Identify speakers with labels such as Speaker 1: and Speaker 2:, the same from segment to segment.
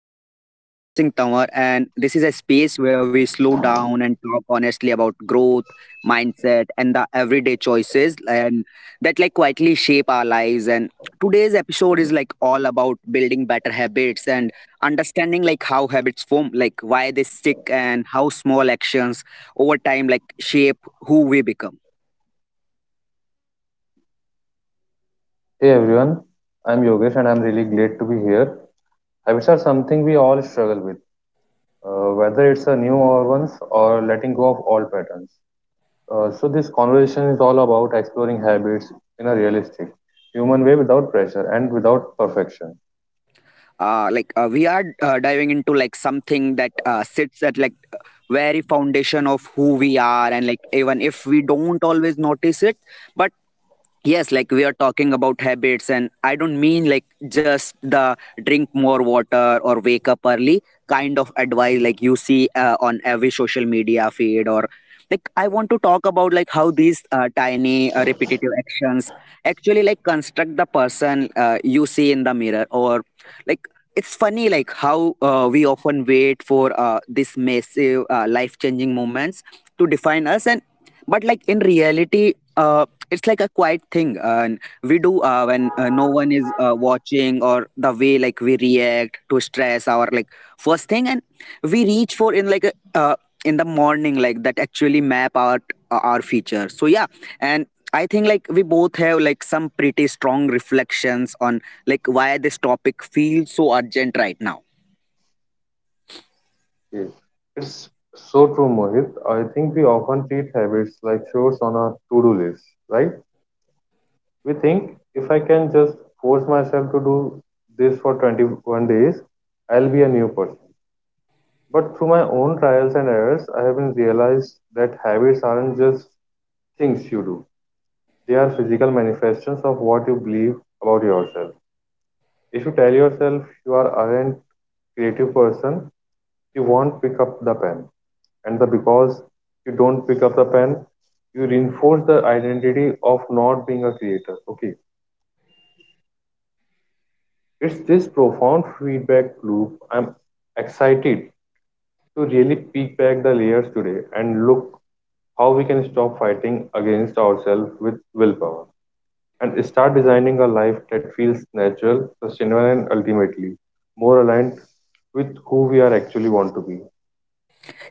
Speaker 1: My name is Mohit Singh Tanwar, and this is a space where we slow down and talk honestly about growth, mindset, and the everyday choices and that like quietly shape our lives. And today's episode is all about building better habits and understanding how habits form, why they stick, and how small actions over time shape who we become.
Speaker 2: Hey everyone, I'm Yogesh and I'm really glad to be here. Habits are something we all struggle with, whether it's a new or ones or letting go of old patterns. So this conversation is all about exploring habits in a realistic, human way without pressure and without perfection.
Speaker 1: We are diving into something that sits at very foundation of who we are, and like even if we don't always notice it, but yes, we are talking about habits, and I don't mean just the drink more water or wake up early kind of advice you see on every social media feed. Or I want to talk about how these tiny repetitive actions actually construct the person you see in the mirror. Or like it's funny how we often wait for this massive life changing moments to define us, and but like in reality it's like a quiet thing and we do when no one is watching, or the way we react to stress, our first thing and we reach for in like a, in the morning that actually map out our future. So yeah, and I think we both have some pretty strong reflections on why this topic feels so urgent right now.
Speaker 2: Yes. It's so true, Mohit. I think we often treat habits like chores on a to-do list, right? We think if I can just force myself to do this for 21 days, I'll be a new person. But through my own trials and errors, I have been realized that habits aren't just things you do. They are physical manifestations of what you believe about yourself. If you tell yourself you are aren't creative person, you won't pick up the pen. And the because you don't pick up the pen, you reinforce the identity of not being a creator. Okay. It's this profound feedback loop. I'm excited to really peek back the layers today and look how we can stop fighting against ourselves with willpower and start designing a life that feels natural, sustainable, and ultimately more aligned with who we are actually want to be.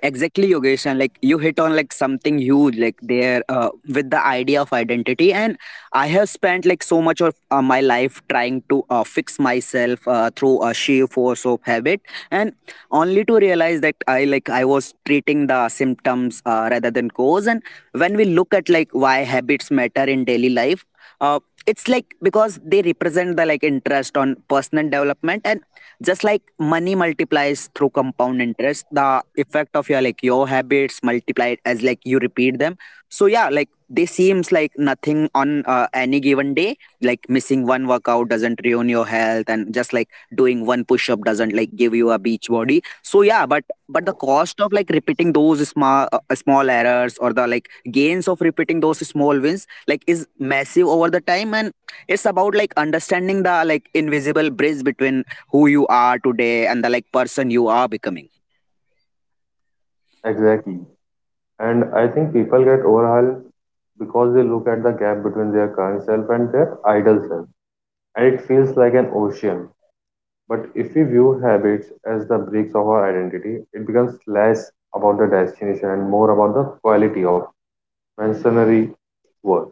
Speaker 1: Exactly, Yogesh, and you hit on something huge, like there with the idea of identity. And I have spent so much of my life trying to fix myself through a sheer force of habit, and only to realize that I was treating the symptoms rather than cause. And when we look at why habits matter in daily life, uh, it's because they represent the like interest on personal development, and just like money multiplies through compound interest, the effect of your like your habits multiplied as you repeat them. So yeah, they seems like nothing on any given day. Like missing one workout doesn't ruin your health, and just like doing one push up doesn't give you a beach body. So yeah, but the cost of repeating those small small errors, or the like gains of repeating those small wins like is massive over the time, and it's about understanding the like invisible bridge between who you are today and the like person you are becoming.
Speaker 2: Exactly. And I think people get overwhelmed because they look at the gap between their current self and their ideal self, and it feels like an ocean. But if we view habits as the bricks of our identity, it becomes less about the destination and more about the quality of masonry work.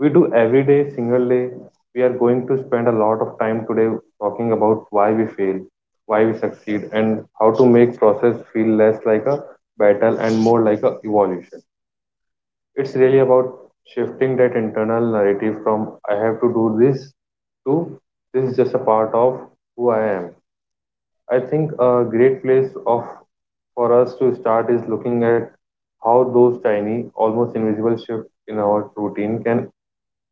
Speaker 2: We do every day single day. We are going to spend a lot of time today talking about why we fail, why we succeed, and how to make process feel less like a battle and more like a evolution. It's really about shifting that internal narrative from I have to do this to this is just a part of who I am. I think a great place of for us to start is looking at how those tiny almost invisible shifts in our routine can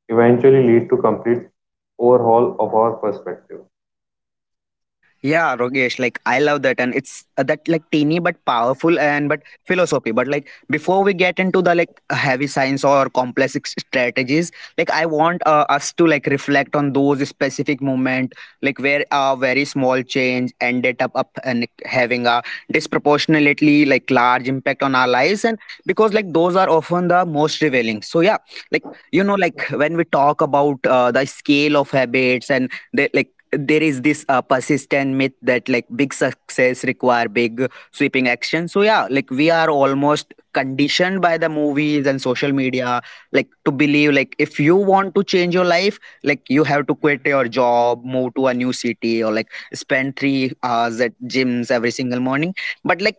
Speaker 2: eventually lead to complete overhaul of our perspective.
Speaker 1: Yeah, Rogesh, I love that, and it's that like teeny but powerful and but philosophy. But before we get into the like heavy science or complex strategies, I want us to reflect on those specific moment, where a very small change ended up and like, having a disproportionately large impact on our lives, and because those are often the most revealing. So yeah, like you know, when we talk about the scale of habits and they, there is this persistent myth that big success require big sweeping action. So yeah, we are almost conditioned by the movies and social media to believe if you want to change your life, you have to quit your job, move to a new city, or spend 3 hours at gyms every single morning. But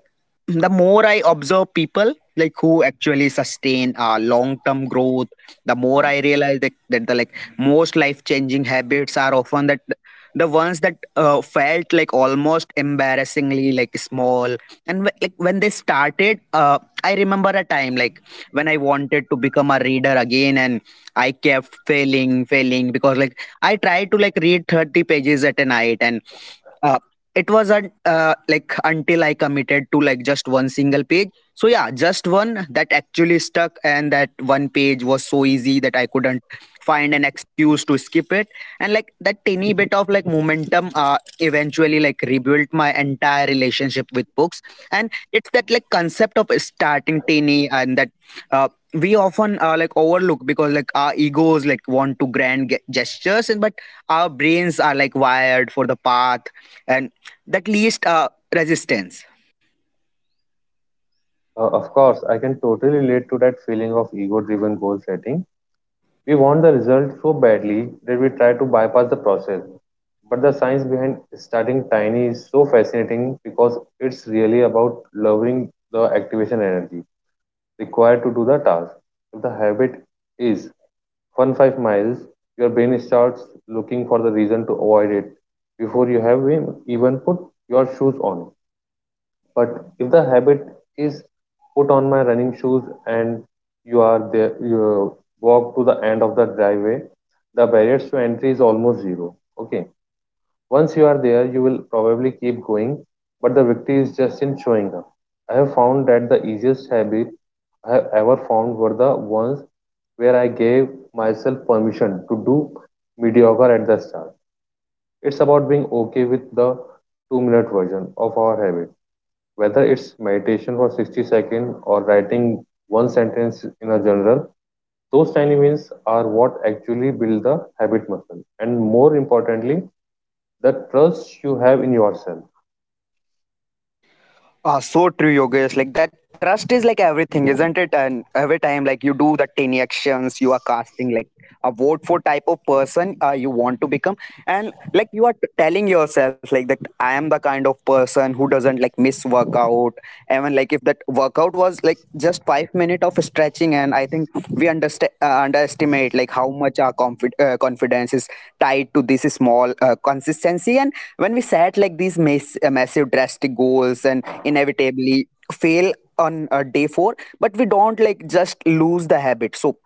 Speaker 1: the more I observe people who actually sustain long term growth, the more I realize that the most life changing habits are often that the ones that felt like almost embarrassingly small, like when they started. I remember a time when I wanted to become a reader again, and I kept failing because I tried to read 30 pages at a night, and uh, it was not like until I committed to just one single page. So yeah, just one that actually stuck, and that one page was so easy that I could find an excuse to skip it. And that tiny bit of momentum eventually rebuilt my entire relationship with books. And it's that like concept of starting tiny, and that uh, we often overlook because our egos like want to grand gestures, and but our brains are wired for the path and that least resistance.
Speaker 2: Of course, I can totally relate to that feeling of ego driven goal setting. We want the result so badly that we try to bypass the process. But the science behind starting tiny is so fascinating because it's really about lowering the activation energy required to do the task. If the habit is fun 5 miles, your brain starts looking for the reason to avoid it before you have even put your shoes on. But if the habit is put on my running shoes and you are there, you walk to the end of the driveway, the barriers to entry is almost zero. Okay, once you are there you will probably keep going, but the victory is just in showing up. I have found that the easiest habit I have ever found were the ones where I gave myself permission to do mediocre at the start. It's about being okay with the 2 minute version of our habit, whether it's meditation for 60 seconds or writing one sentence in a journal. Those tiny wins are what actually build the habit muscle. And more importantly, the trust you have in yourself.
Speaker 1: Ah, so true, Yogesh. Like that trust is everything, isn't it? And every time, you do the tiny actions, you are casting a vote for type of person you want to become, and you are telling yourself like that I am the kind of person who doesn't miss workout. Even if that workout was just 5 minutes of stretching. And I think we understand underestimate how much our confidence is tied to this small consistency. And when we set like these massive, drastic goals and inevitably fail on day four, but we don't just lose the habit. So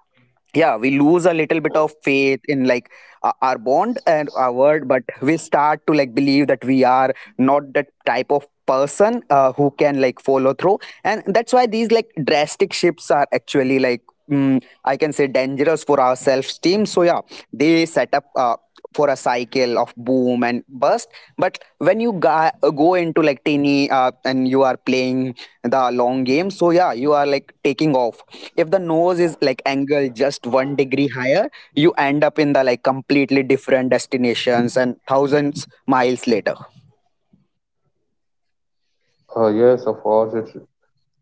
Speaker 1: yeah, we lose a little bit of faith in our bond and our word, but we start to believe that we are not that type of person who can follow through. And that's why these drastic shifts are actually I can say dangerous for our self esteem. So yeah, they set up for a cycle of boom and bust. But when you go into tiny and you are playing the long game, so yeah, you are taking off. If the nose is angle just one degree higher, you end up in the like completely different destinations and thousands miles later.
Speaker 2: Yes, of course,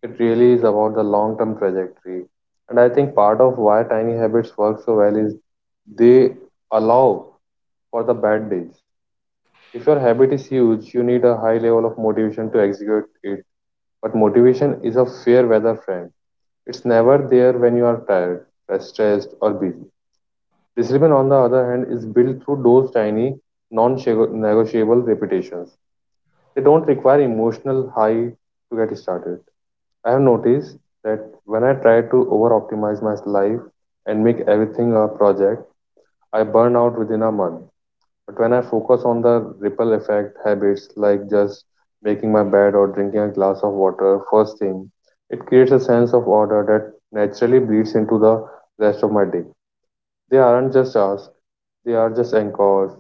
Speaker 2: it really is about the long term trajectory. And I think part of why tiny habits work so well is they allow for the bad days. If your habit is huge, you need a high level of motivation to execute it. But motivation is a fair weather friend. It's never there when you are tired, stressed, or busy. Discipline, on the other hand, is built through those tiny, non negotiable repetitions. They don't require emotional high to get started. I have noticed that when I try to over optimize my life and make everything a project, I burn out within a month. But when I focus on the ripple effect habits like just making my bed or drinking a glass of water first thing, it creates a sense of order that naturally bleeds into the rest of my day. They aren't just tasks, they are just anchors.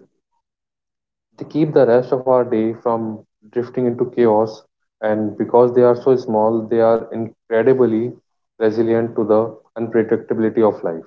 Speaker 2: They keep the rest of our day from drifting into chaos, and because they are so small, they are incredibly resilient to the unpredictability of life.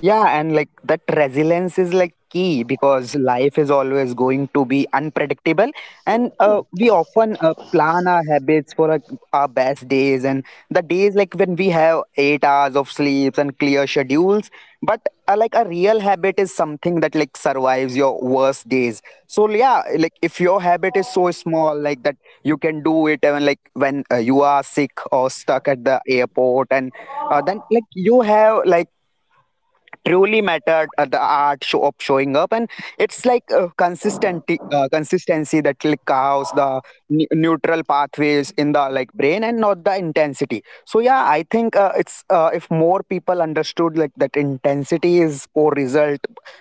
Speaker 1: Yeah, and that resilience is key because life is always going to be unpredictable, and we often plan our habits for like, our best days and the days when we have 8 hours of sleeps and clear schedules. But a real habit is something that survives your worst days. So yeah, if your habit is so small, that you can do it even when you are sick or stuck at the airport, and then you have truly mattered the art show of showing up. And it's consistency consistency that cows the neutral pathways in the like brain and not the intensity. So yeah, I think it's if more people understood that intensity is for result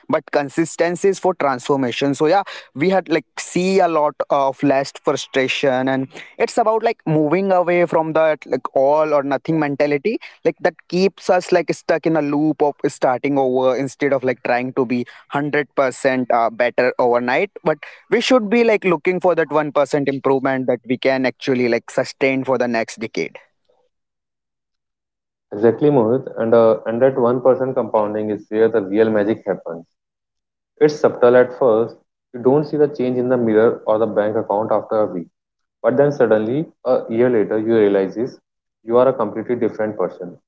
Speaker 1: but consistency is for transformation, so yeah, we had see a lot of less frustration. And it's about moving away from that like all or nothing mentality that keeps us stuck in a loop of starting over, instead of trying to be 100% better overnight, but we should be looking for that 1% improvement that we can actually sustain for the next decade.
Speaker 2: Exactly, Mohit, and that 1% compounding is where the real magic happens. It's subtle at first. You don't see the change in the mirror or the bank account after a week. But then suddenly, a year later, you realize you are a completely different person.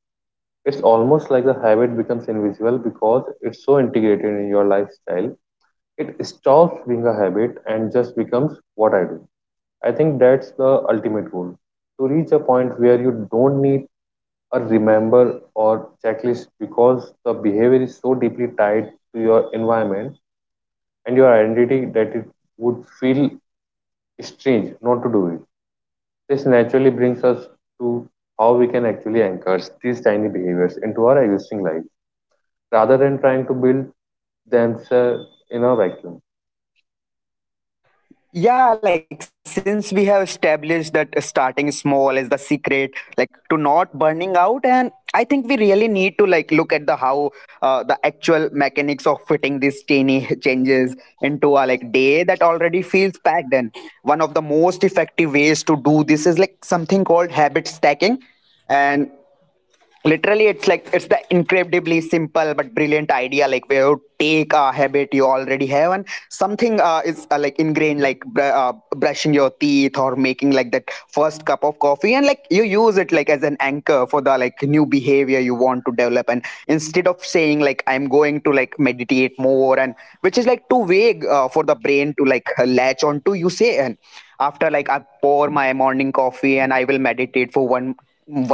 Speaker 2: It's almost like the habit becomes invisible because it's so integrated in your lifestyle. It stops being a habit and just becomes what I do. I think that's the ultimate goal, to reach a point where you don't need a remember or checklist because the behavior is so deeply tied to your environment and your identity that it would feel strange not to do it. This naturally brings us to how we can actually anchor these tiny behaviors into our existing life rather than trying to build themselves in a vacuum.
Speaker 1: Yeah, since we have established that starting small is the secret, to not burning out, and I think we really need to look at the how the actual mechanics of fitting these tiny changes into a day that already feels packed. And one of the most effective ways to do this is something called habit stacking, and literally it's the incredibly simple but brilliant idea where you take a habit you already have and something is ingrained, like brushing your teeth or making that first cup of coffee, and you use it as an anchor for the new behavior you want to develop. And instead of saying, "I'm going to meditate more," and which is too vague for the brain to latch onto, you say, "And after I pour my morning coffee, and I will meditate for one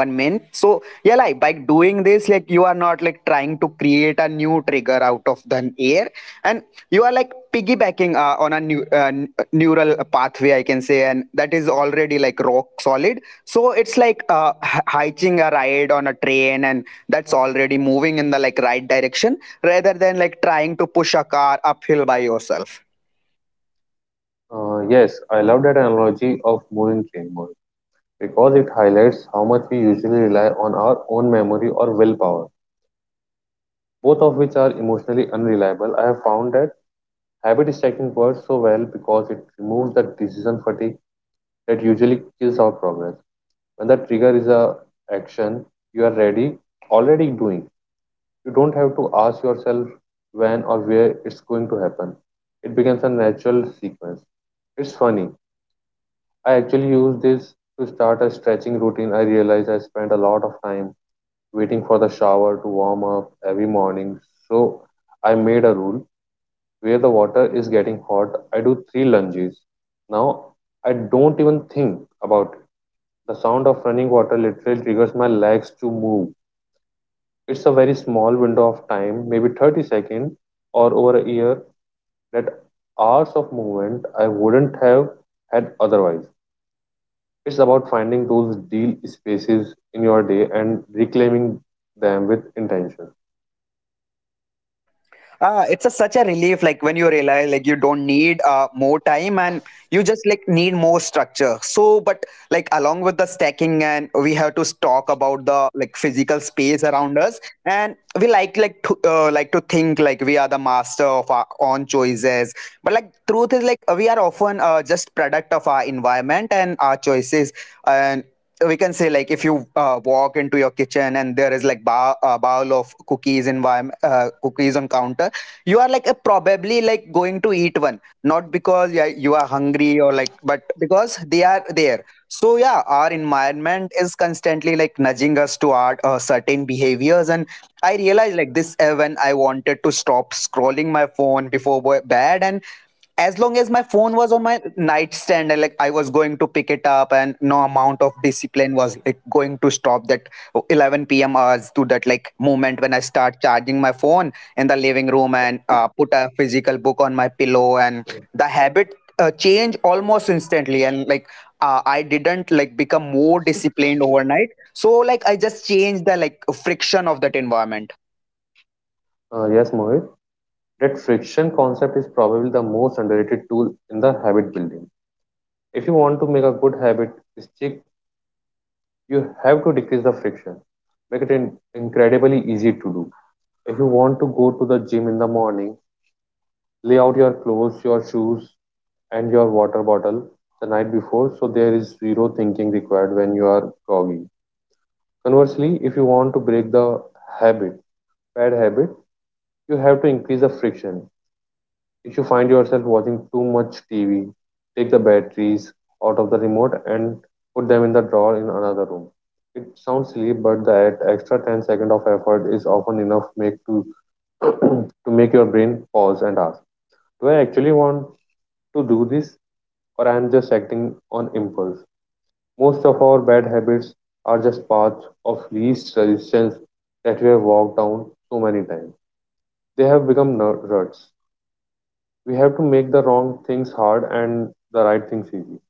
Speaker 1: one minute." So yeah, by doing this, you are not trying to create a new trigger out of the air, and you are piggybacking on a new neural pathway, I can say, and that is already rock solid. So it's like hitching a ride on a train and that's already moving in the right direction, rather than trying to push a car uphill by yourself.
Speaker 2: Yes, I love that analogy of moving train mode because it highlights how much we usually rely on our own memory or willpower, both of which are emotionally unreliable. I have found that habit stacking works so well because it removes the decision fatigue that usually kills our progress. When the trigger is a action you are ready already doing, you don't have to ask yourself when or where it's going to happen. It becomes a natural sequence. It's funny, I actually use this to start a stretching routine. I realize I spend a lot of time waiting for the shower to warm up every morning, so I made a rule where the water is getting hot I do three lunges. Now I don't even think about it. The sound of running water literally triggers my legs to move. It's a very small window of time, maybe 30 seconds, or over a year, that hours of movement I wouldn't have had otherwise. It's about finding those deal spaces in your day and reclaiming them with intention.
Speaker 1: It's a such a relief when you realize you don't need more time, and you just need more structure. So but along with the stacking, and we have to talk about the physical space around us. And we like to think we are the master of our own choices, but truth is, we are often just product of our environment and our choices. And we can say, if you walk into your kitchen and there is like bowl of cookies and cookies on counter, you are probably going to eat one, not because, yeah, you are hungry or but because they are there. So yeah, our environment is constantly nudging us toward certain behaviors, and I realized this when I wanted to stop scrolling my phone before bed. And as long as my phone was on my nightstand, and I was going to pick it up, and no amount of discipline was going to stop that. 11 p.m hours to that moment when I start charging my phone in the living room and put a physical book on my pillow, and the habit change almost instantly. And I didn't become more disciplined overnight. So I just changed the friction of that environment.
Speaker 2: Yes, Mohit. That friction concept is probably the most underrated tool in the habit building. If you want to make a good habit stick, you have to decrease the friction. Make it incredibly easy to do. If you want to go to the gym in the morning, lay out your clothes, your shoes, and your water bottle the night before so there is zero thinking required when you are groggy. Conversely, if you want to break the habit, bad habit, you have to increase the friction. If you find yourself watching too much TV, take the batteries out of the remote and put them in the drawer in another room. It sounds silly, but that extra 10 seconds of effort is often enough make to to make your brain pause and ask, do I actually want to do this? Or I am just acting on impulse. Most of our bad habits are just paths of least resistance that we have walked down so many times. They have become ruts. We have to make the wrong things hard and the right things easy.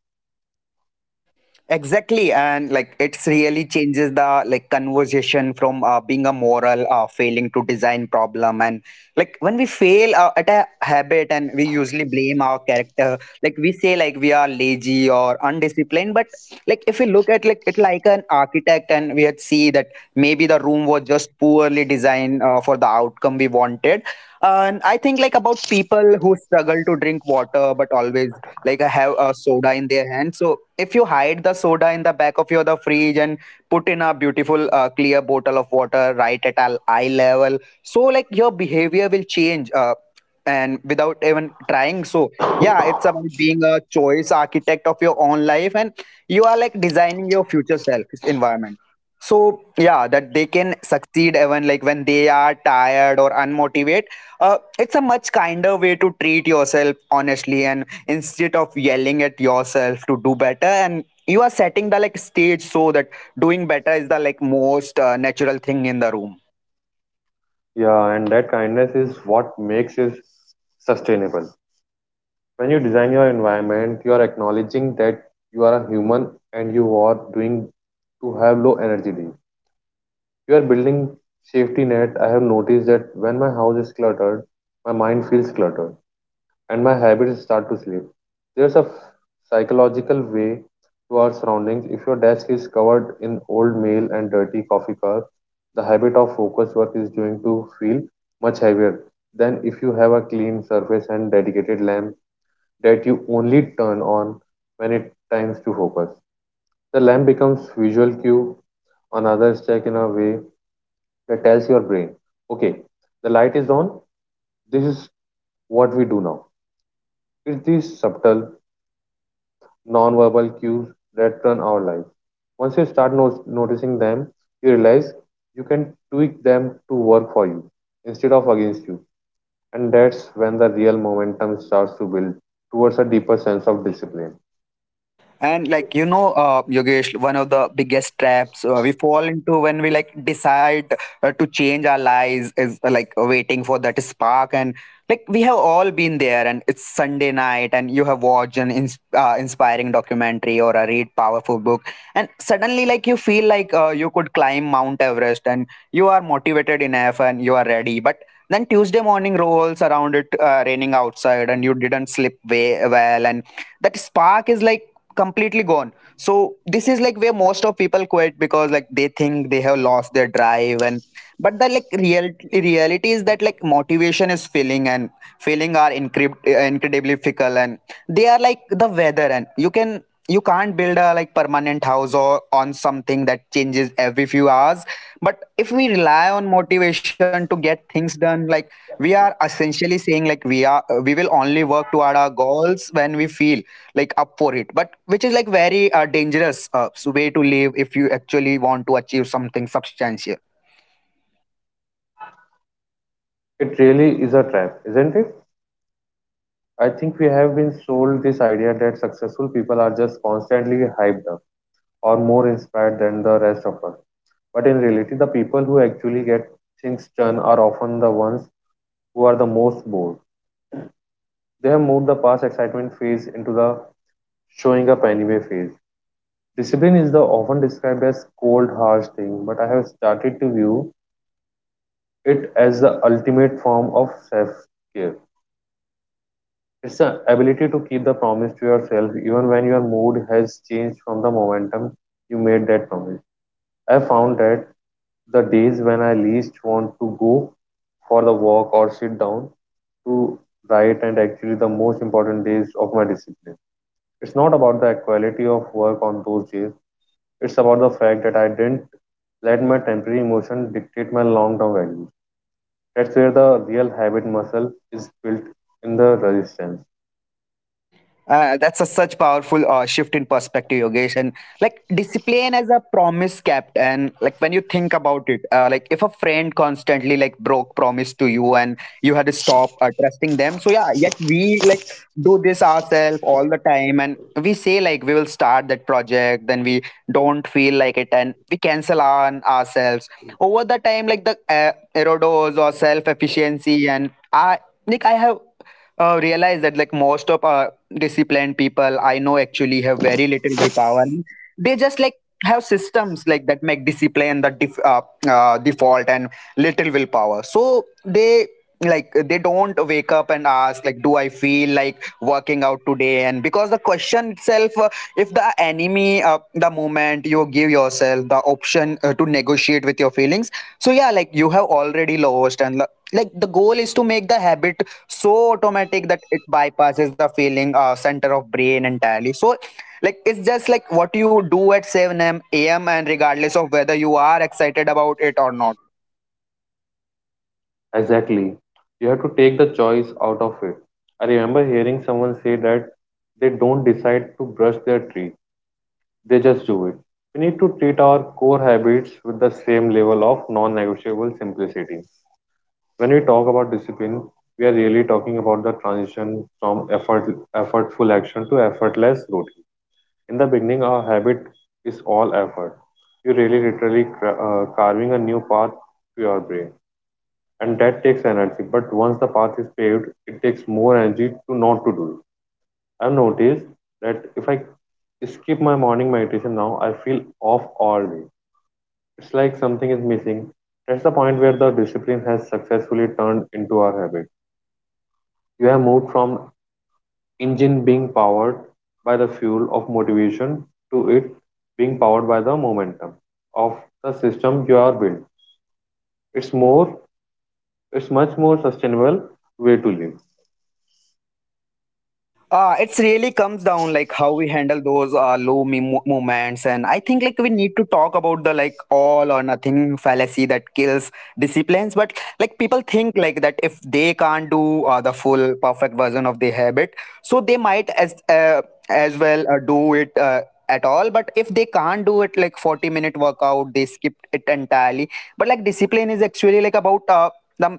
Speaker 1: Exactly, and it's really changes the conversation from being a moral failing to design problem. And when we fail at a habit, and we usually blame our character. Like we say, we are lazy or undisciplined, but if we look at it like an architect, and we had see that maybe the room was just poorly designed for the outcome we wanted. And I think about people who struggle to drink water but always have a soda in their hand. So if you hide the soda in the back of your the fridge and put in a beautiful clear bottle of water right at eye level, so your behavior will change, and without even trying. So yeah, it's about being a choice architect of your own life, and you are designing your future self environment, so yeah, that they can succeed even when they are tired or unmotivated. It's a much kinder way to treat yourself, honestly. And instead of yelling at yourself to do better, and you are setting the stage so that doing better is the most natural thing in the room.
Speaker 2: Yeah, and that kindness is what makes it sustainable. When you design your environment, you are acknowledging that you are a human and you are doing to have low energy days. You are building safety net. I have noticed that when my house is cluttered, my mind feels cluttered and my habits start to slip. There's a psychological way to our surroundings. If your desk is covered in old mail and dirty coffee cups, the habit of focused work is going to feel much heavier than if you have a clean surface and dedicated lamp that you only turn on when it times to focus. The lamp becomes visual cue, another check in a way that tells your brain, okay, the light is on, this is what we do now. It's these subtle, non-verbal cues that run our life. Once you start noticing them, you realize you can tweak them to work for you instead of against you. And that's when the real momentum starts to build towards a deeper sense of discipline.
Speaker 1: And you know Yogesh, one of the biggest traps we fall into when we decide to change our lives is waiting for that spark. And we have all been there, and it's Sunday night, and you have watched an inspiring documentary or a read powerful book, and suddenly you feel you could climb Mount Everest, and you are motivated enough and you are ready. But then Tuesday morning rolls around, it raining outside and you didn't sleep way well, and that spark is completely gone. So this is where most of people quit, because they think they have lost their drive. And but the real reality is that motivation is failing, and failing are incredibly fickle, and they are like the weather, and you can't build a permanent house or on something that changes every few hours. But if we rely on motivation to get things done, we are essentially saying, we are we will only work toward our goals when we feel up for it, but which is very dangerous way to live if you actually want to achieve something substantial.
Speaker 2: It really is a trap, isn't it? I think we have been sold this idea that successful people are just constantly hyped up or more inspired than the rest of us. But in reality, the people who actually get things done are often the ones who are the most bored. They have moved the past excitement phase into the showing up anyway phase. Discipline is the often described as cold, harsh thing, but I have started to view it as the ultimate form of self-care. It's the ability to keep the promise to yourself even when your mood has changed from the momentum you made that promise. I found that the days when I least want to go for the walk or sit down to write and actually the most important days of my discipline. It's not about the quality of work on those days. It's about the fact that I didn't let my temporary emotion dictate my long-term values. That's where the real habit muscle is built in the resistance.
Speaker 1: That's a such powerful shift in perspective, Yogesh. And discipline as a promise kept. And when you think about it, if a friend constantly broke promise to you, and you had to stop trusting them. So yeah, yet we do this ourselves all the time, and we say, we will start that project, then we don't feel like it, and we cancel on ourselves over the time. Like the erodos or self efficiency, and I have realized that most of disciplined people I know actually have very little willpower. They just have systems that make discipline the default and little willpower. So they they don't wake up and ask, do I feel like working out today? And because the question itself, if the enemy, the moment you give yourself the option to negotiate with your feelings, so yeah, you have already lost. And the goal is to make the habit so automatic that it bypasses the feeling center of brain entirely. So it's just like what you do at 7 a.m, and regardless of whether you are excited about it or not.
Speaker 2: Exactly. You have to take the choice out of it. I remember hearing someone say that they don't decide to brush their teeth. They just do it. We need to treat our core habits with the same level of non negotiable simplicity. When we talk about discipline, we are really talking about the transition from effort, effortful action to effortless routine. In the beginning, our habit is all effort. You're really literally carving a new path to your brain, and that takes energy. But once the path is paved, it takes more energy to not to do it. I've noticed that if I skip my morning meditation now, I feel off all day. It's like something is missing. That's the point where the discipline has successfully turned into our habit. You have moved from engine being powered by the fuel of motivation to it being powered by the momentum of the system you are built. It's more, it's much more sustainable way to live.
Speaker 1: It's really comes down how we handle those moments. And I think we need to talk about the all or nothing fallacy that kills disciplines. But people think that if they can't do the full perfect version of the habit, so they might as well do it at all. But if they can't do it like 40-minute workout, they skip it entirely. But discipline is actually about the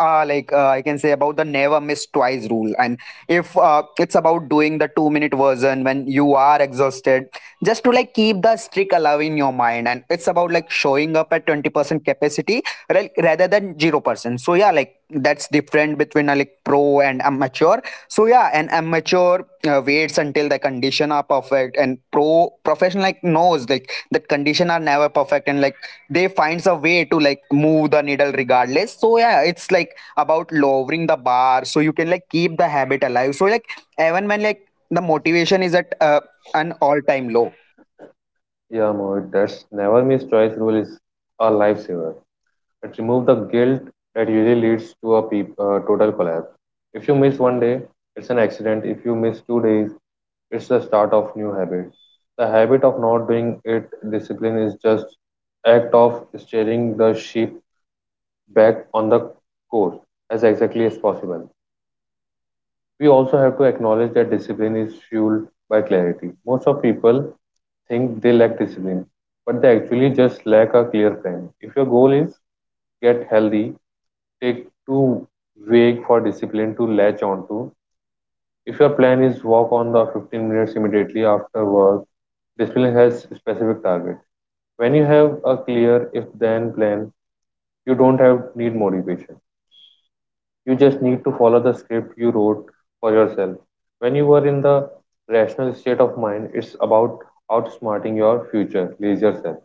Speaker 1: like I can say about the never miss twice rule. And if it's about doing the 2 minute version when you are exhausted, just to keep the streak alive in your mind. And it's about showing up at 20% capacity rather than 0%. So yeah, that's different between a pro and amateur. So yeah, an amateur waits until the condition are perfect, and professional knows that condition are never perfect. And they finds a way to move the needle regardless. So yeah, it's about lowering the bar so you can keep the habit alive, so even when the motivation is at an all time low.
Speaker 2: Yeah, Mohit, that's never miss twice rule is a lifesaver. It removes the guilt that usually leads to a total collapse. If you miss one day, it's an accident. If you miss 2 days, it's the start of new habit. The habit of not doing it discipline is just act of steering the ship back on the course as exactly as possible. We also have to acknowledge that discipline is fueled by clarity. Most of people think they lack discipline, but they actually just lack a clear plan. If your goal is get healthy, take too vague for discipline to latch onto. If your plan is walk on the 15 minutes immediately after work, discipline has specific target. When you have a clear if then plan, you don't have need motivation. You just need to follow the script you wrote for yourself. When you are in the rational state of mind, it's about outsmarting your future lazier self.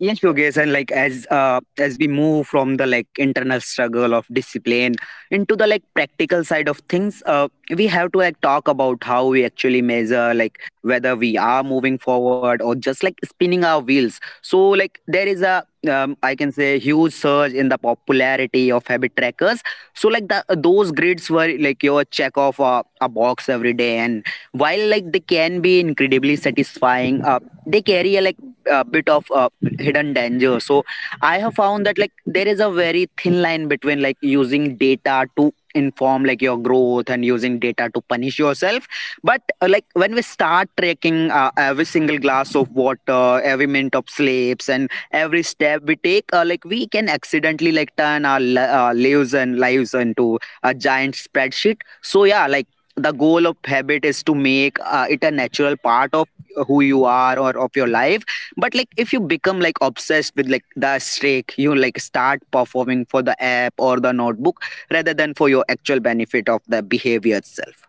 Speaker 1: Yes, Yogesh, and as we move from the internal struggle of discipline into the practical side of things, we have to talk about how we actually measure whether we are moving forward or just spinning our wheels. So there is a I can say huge surge in the popularity of habit trackers. So like the those grids were your check off a box every day. And while they can be incredibly satisfying, they carry a a bit of hidden danger. So I have found that there is a very thin line between using data to inform your growth and using data to punish yourself. But when we start tracking every single glass of water, every minute of sleeps, and every step we take, we can accidentally turn our lives into a giant spreadsheet. So yeah, the goal of habit is to make it a natural part of who you are or of your life. But if you become obsessed with the streak, you start performing for the app or the notebook rather than for your actual benefit of the behavior itself.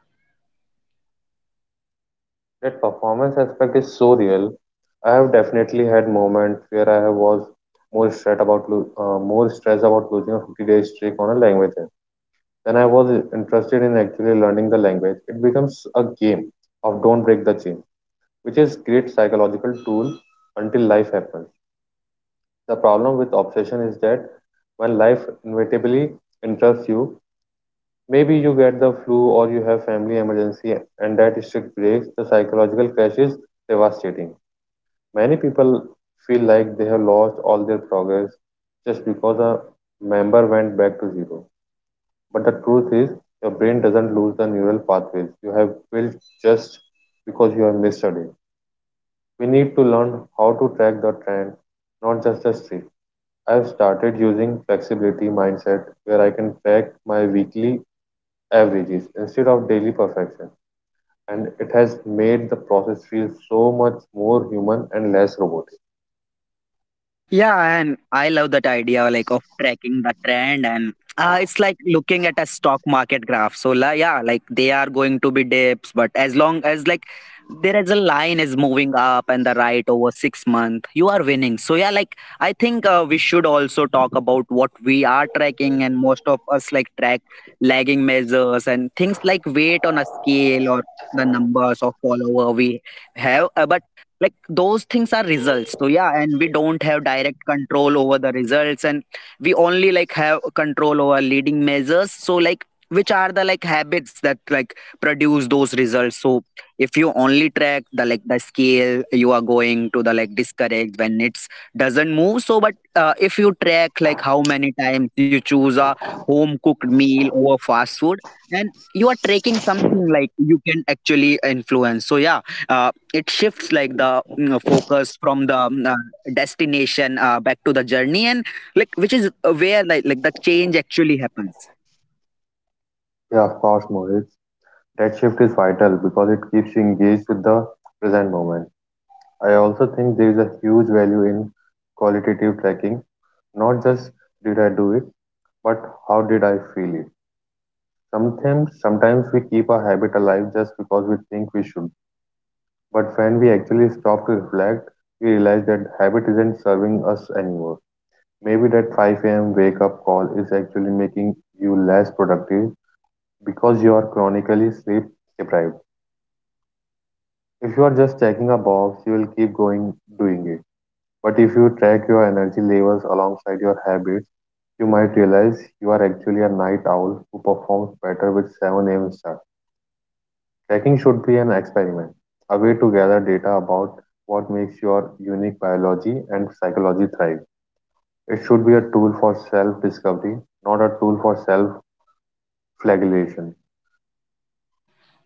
Speaker 1: Yeah, and I love that idea of tracking the trend. And it's like looking at a stock market graph. So yeah, they are going to be dips, but as long as like there is a line is moving up and the right over 6 month, you are winning. So yeah, I think we should also talk about what we are tracking. And most of us track lagging measures and things like weight on a scale or the numbers of follower we have. But those things are results. So yeah, and we don't have direct control over the results, and we only have control over leading measures, so which are the habits that produce those results. So if you only track the the scale, you are going to the discourage when it's doesn't move. So but if you track how many times you choose a home cooked meal over fast food, and you are tracking something you can actually influence. So yeah, uh, it shifts focus from the destination back to the journey, and which is where the change actually happens.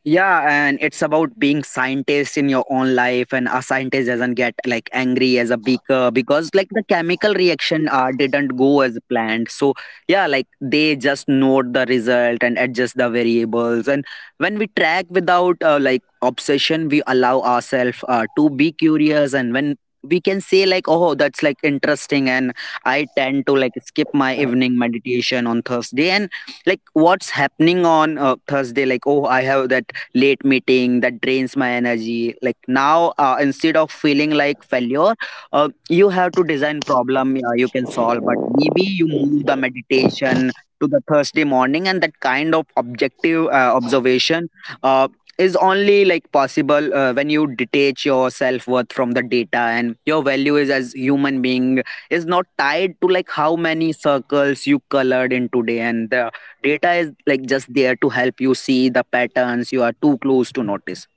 Speaker 1: Yeah, and it's about being scientist in your own life. And a scientist doesn't get angry as a beaker because the chemical reaction didn't go as planned. So yeah, they just note the result and adjust the variables. And when we track without obsession, we allow ourselves to be curious. And when we can say, oh, that's interesting, and I tend to skip my evening meditation on Thursday. And what's happening on Thursday? Like, oh, I have that late meeting that drains my energy. Like now, instead of feeling failure, you have to design problem you can solve. But maybe you move the meditation to the Thursday morning. And that kind of objective observation uh, is only possible when you detach your self-worth from the data, and your value is as human being is not tied to how many circles you colored in today. And the data is just there to help you see the patterns you are too close to notice.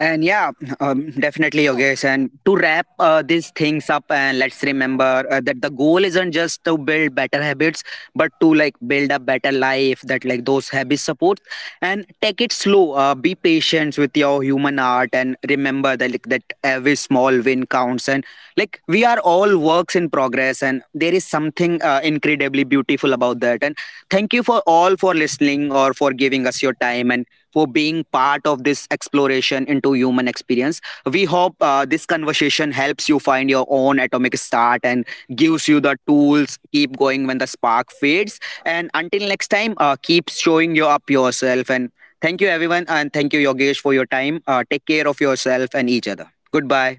Speaker 1: And yeah, definitely, Yogesh. And to wrap these things up, and let's remember that the goal isn't just to build better habits, but to build a better life that those habits support. And take it slow. Be patient with your human heart. And remember that that every small win counts. And we are all works in progress, and there is something incredibly beautiful about that. And thank you for all for listening or for giving us your time, and for being part of this exploration into human experience. We hope this conversation helps you find your own atomic start and gives you the tools. Keep going when the spark fades. And until next time, keep showing you up yourself. And thank you, everyone. And thank you, Yogesh, for your time. Take care of yourself and each other. Goodbye.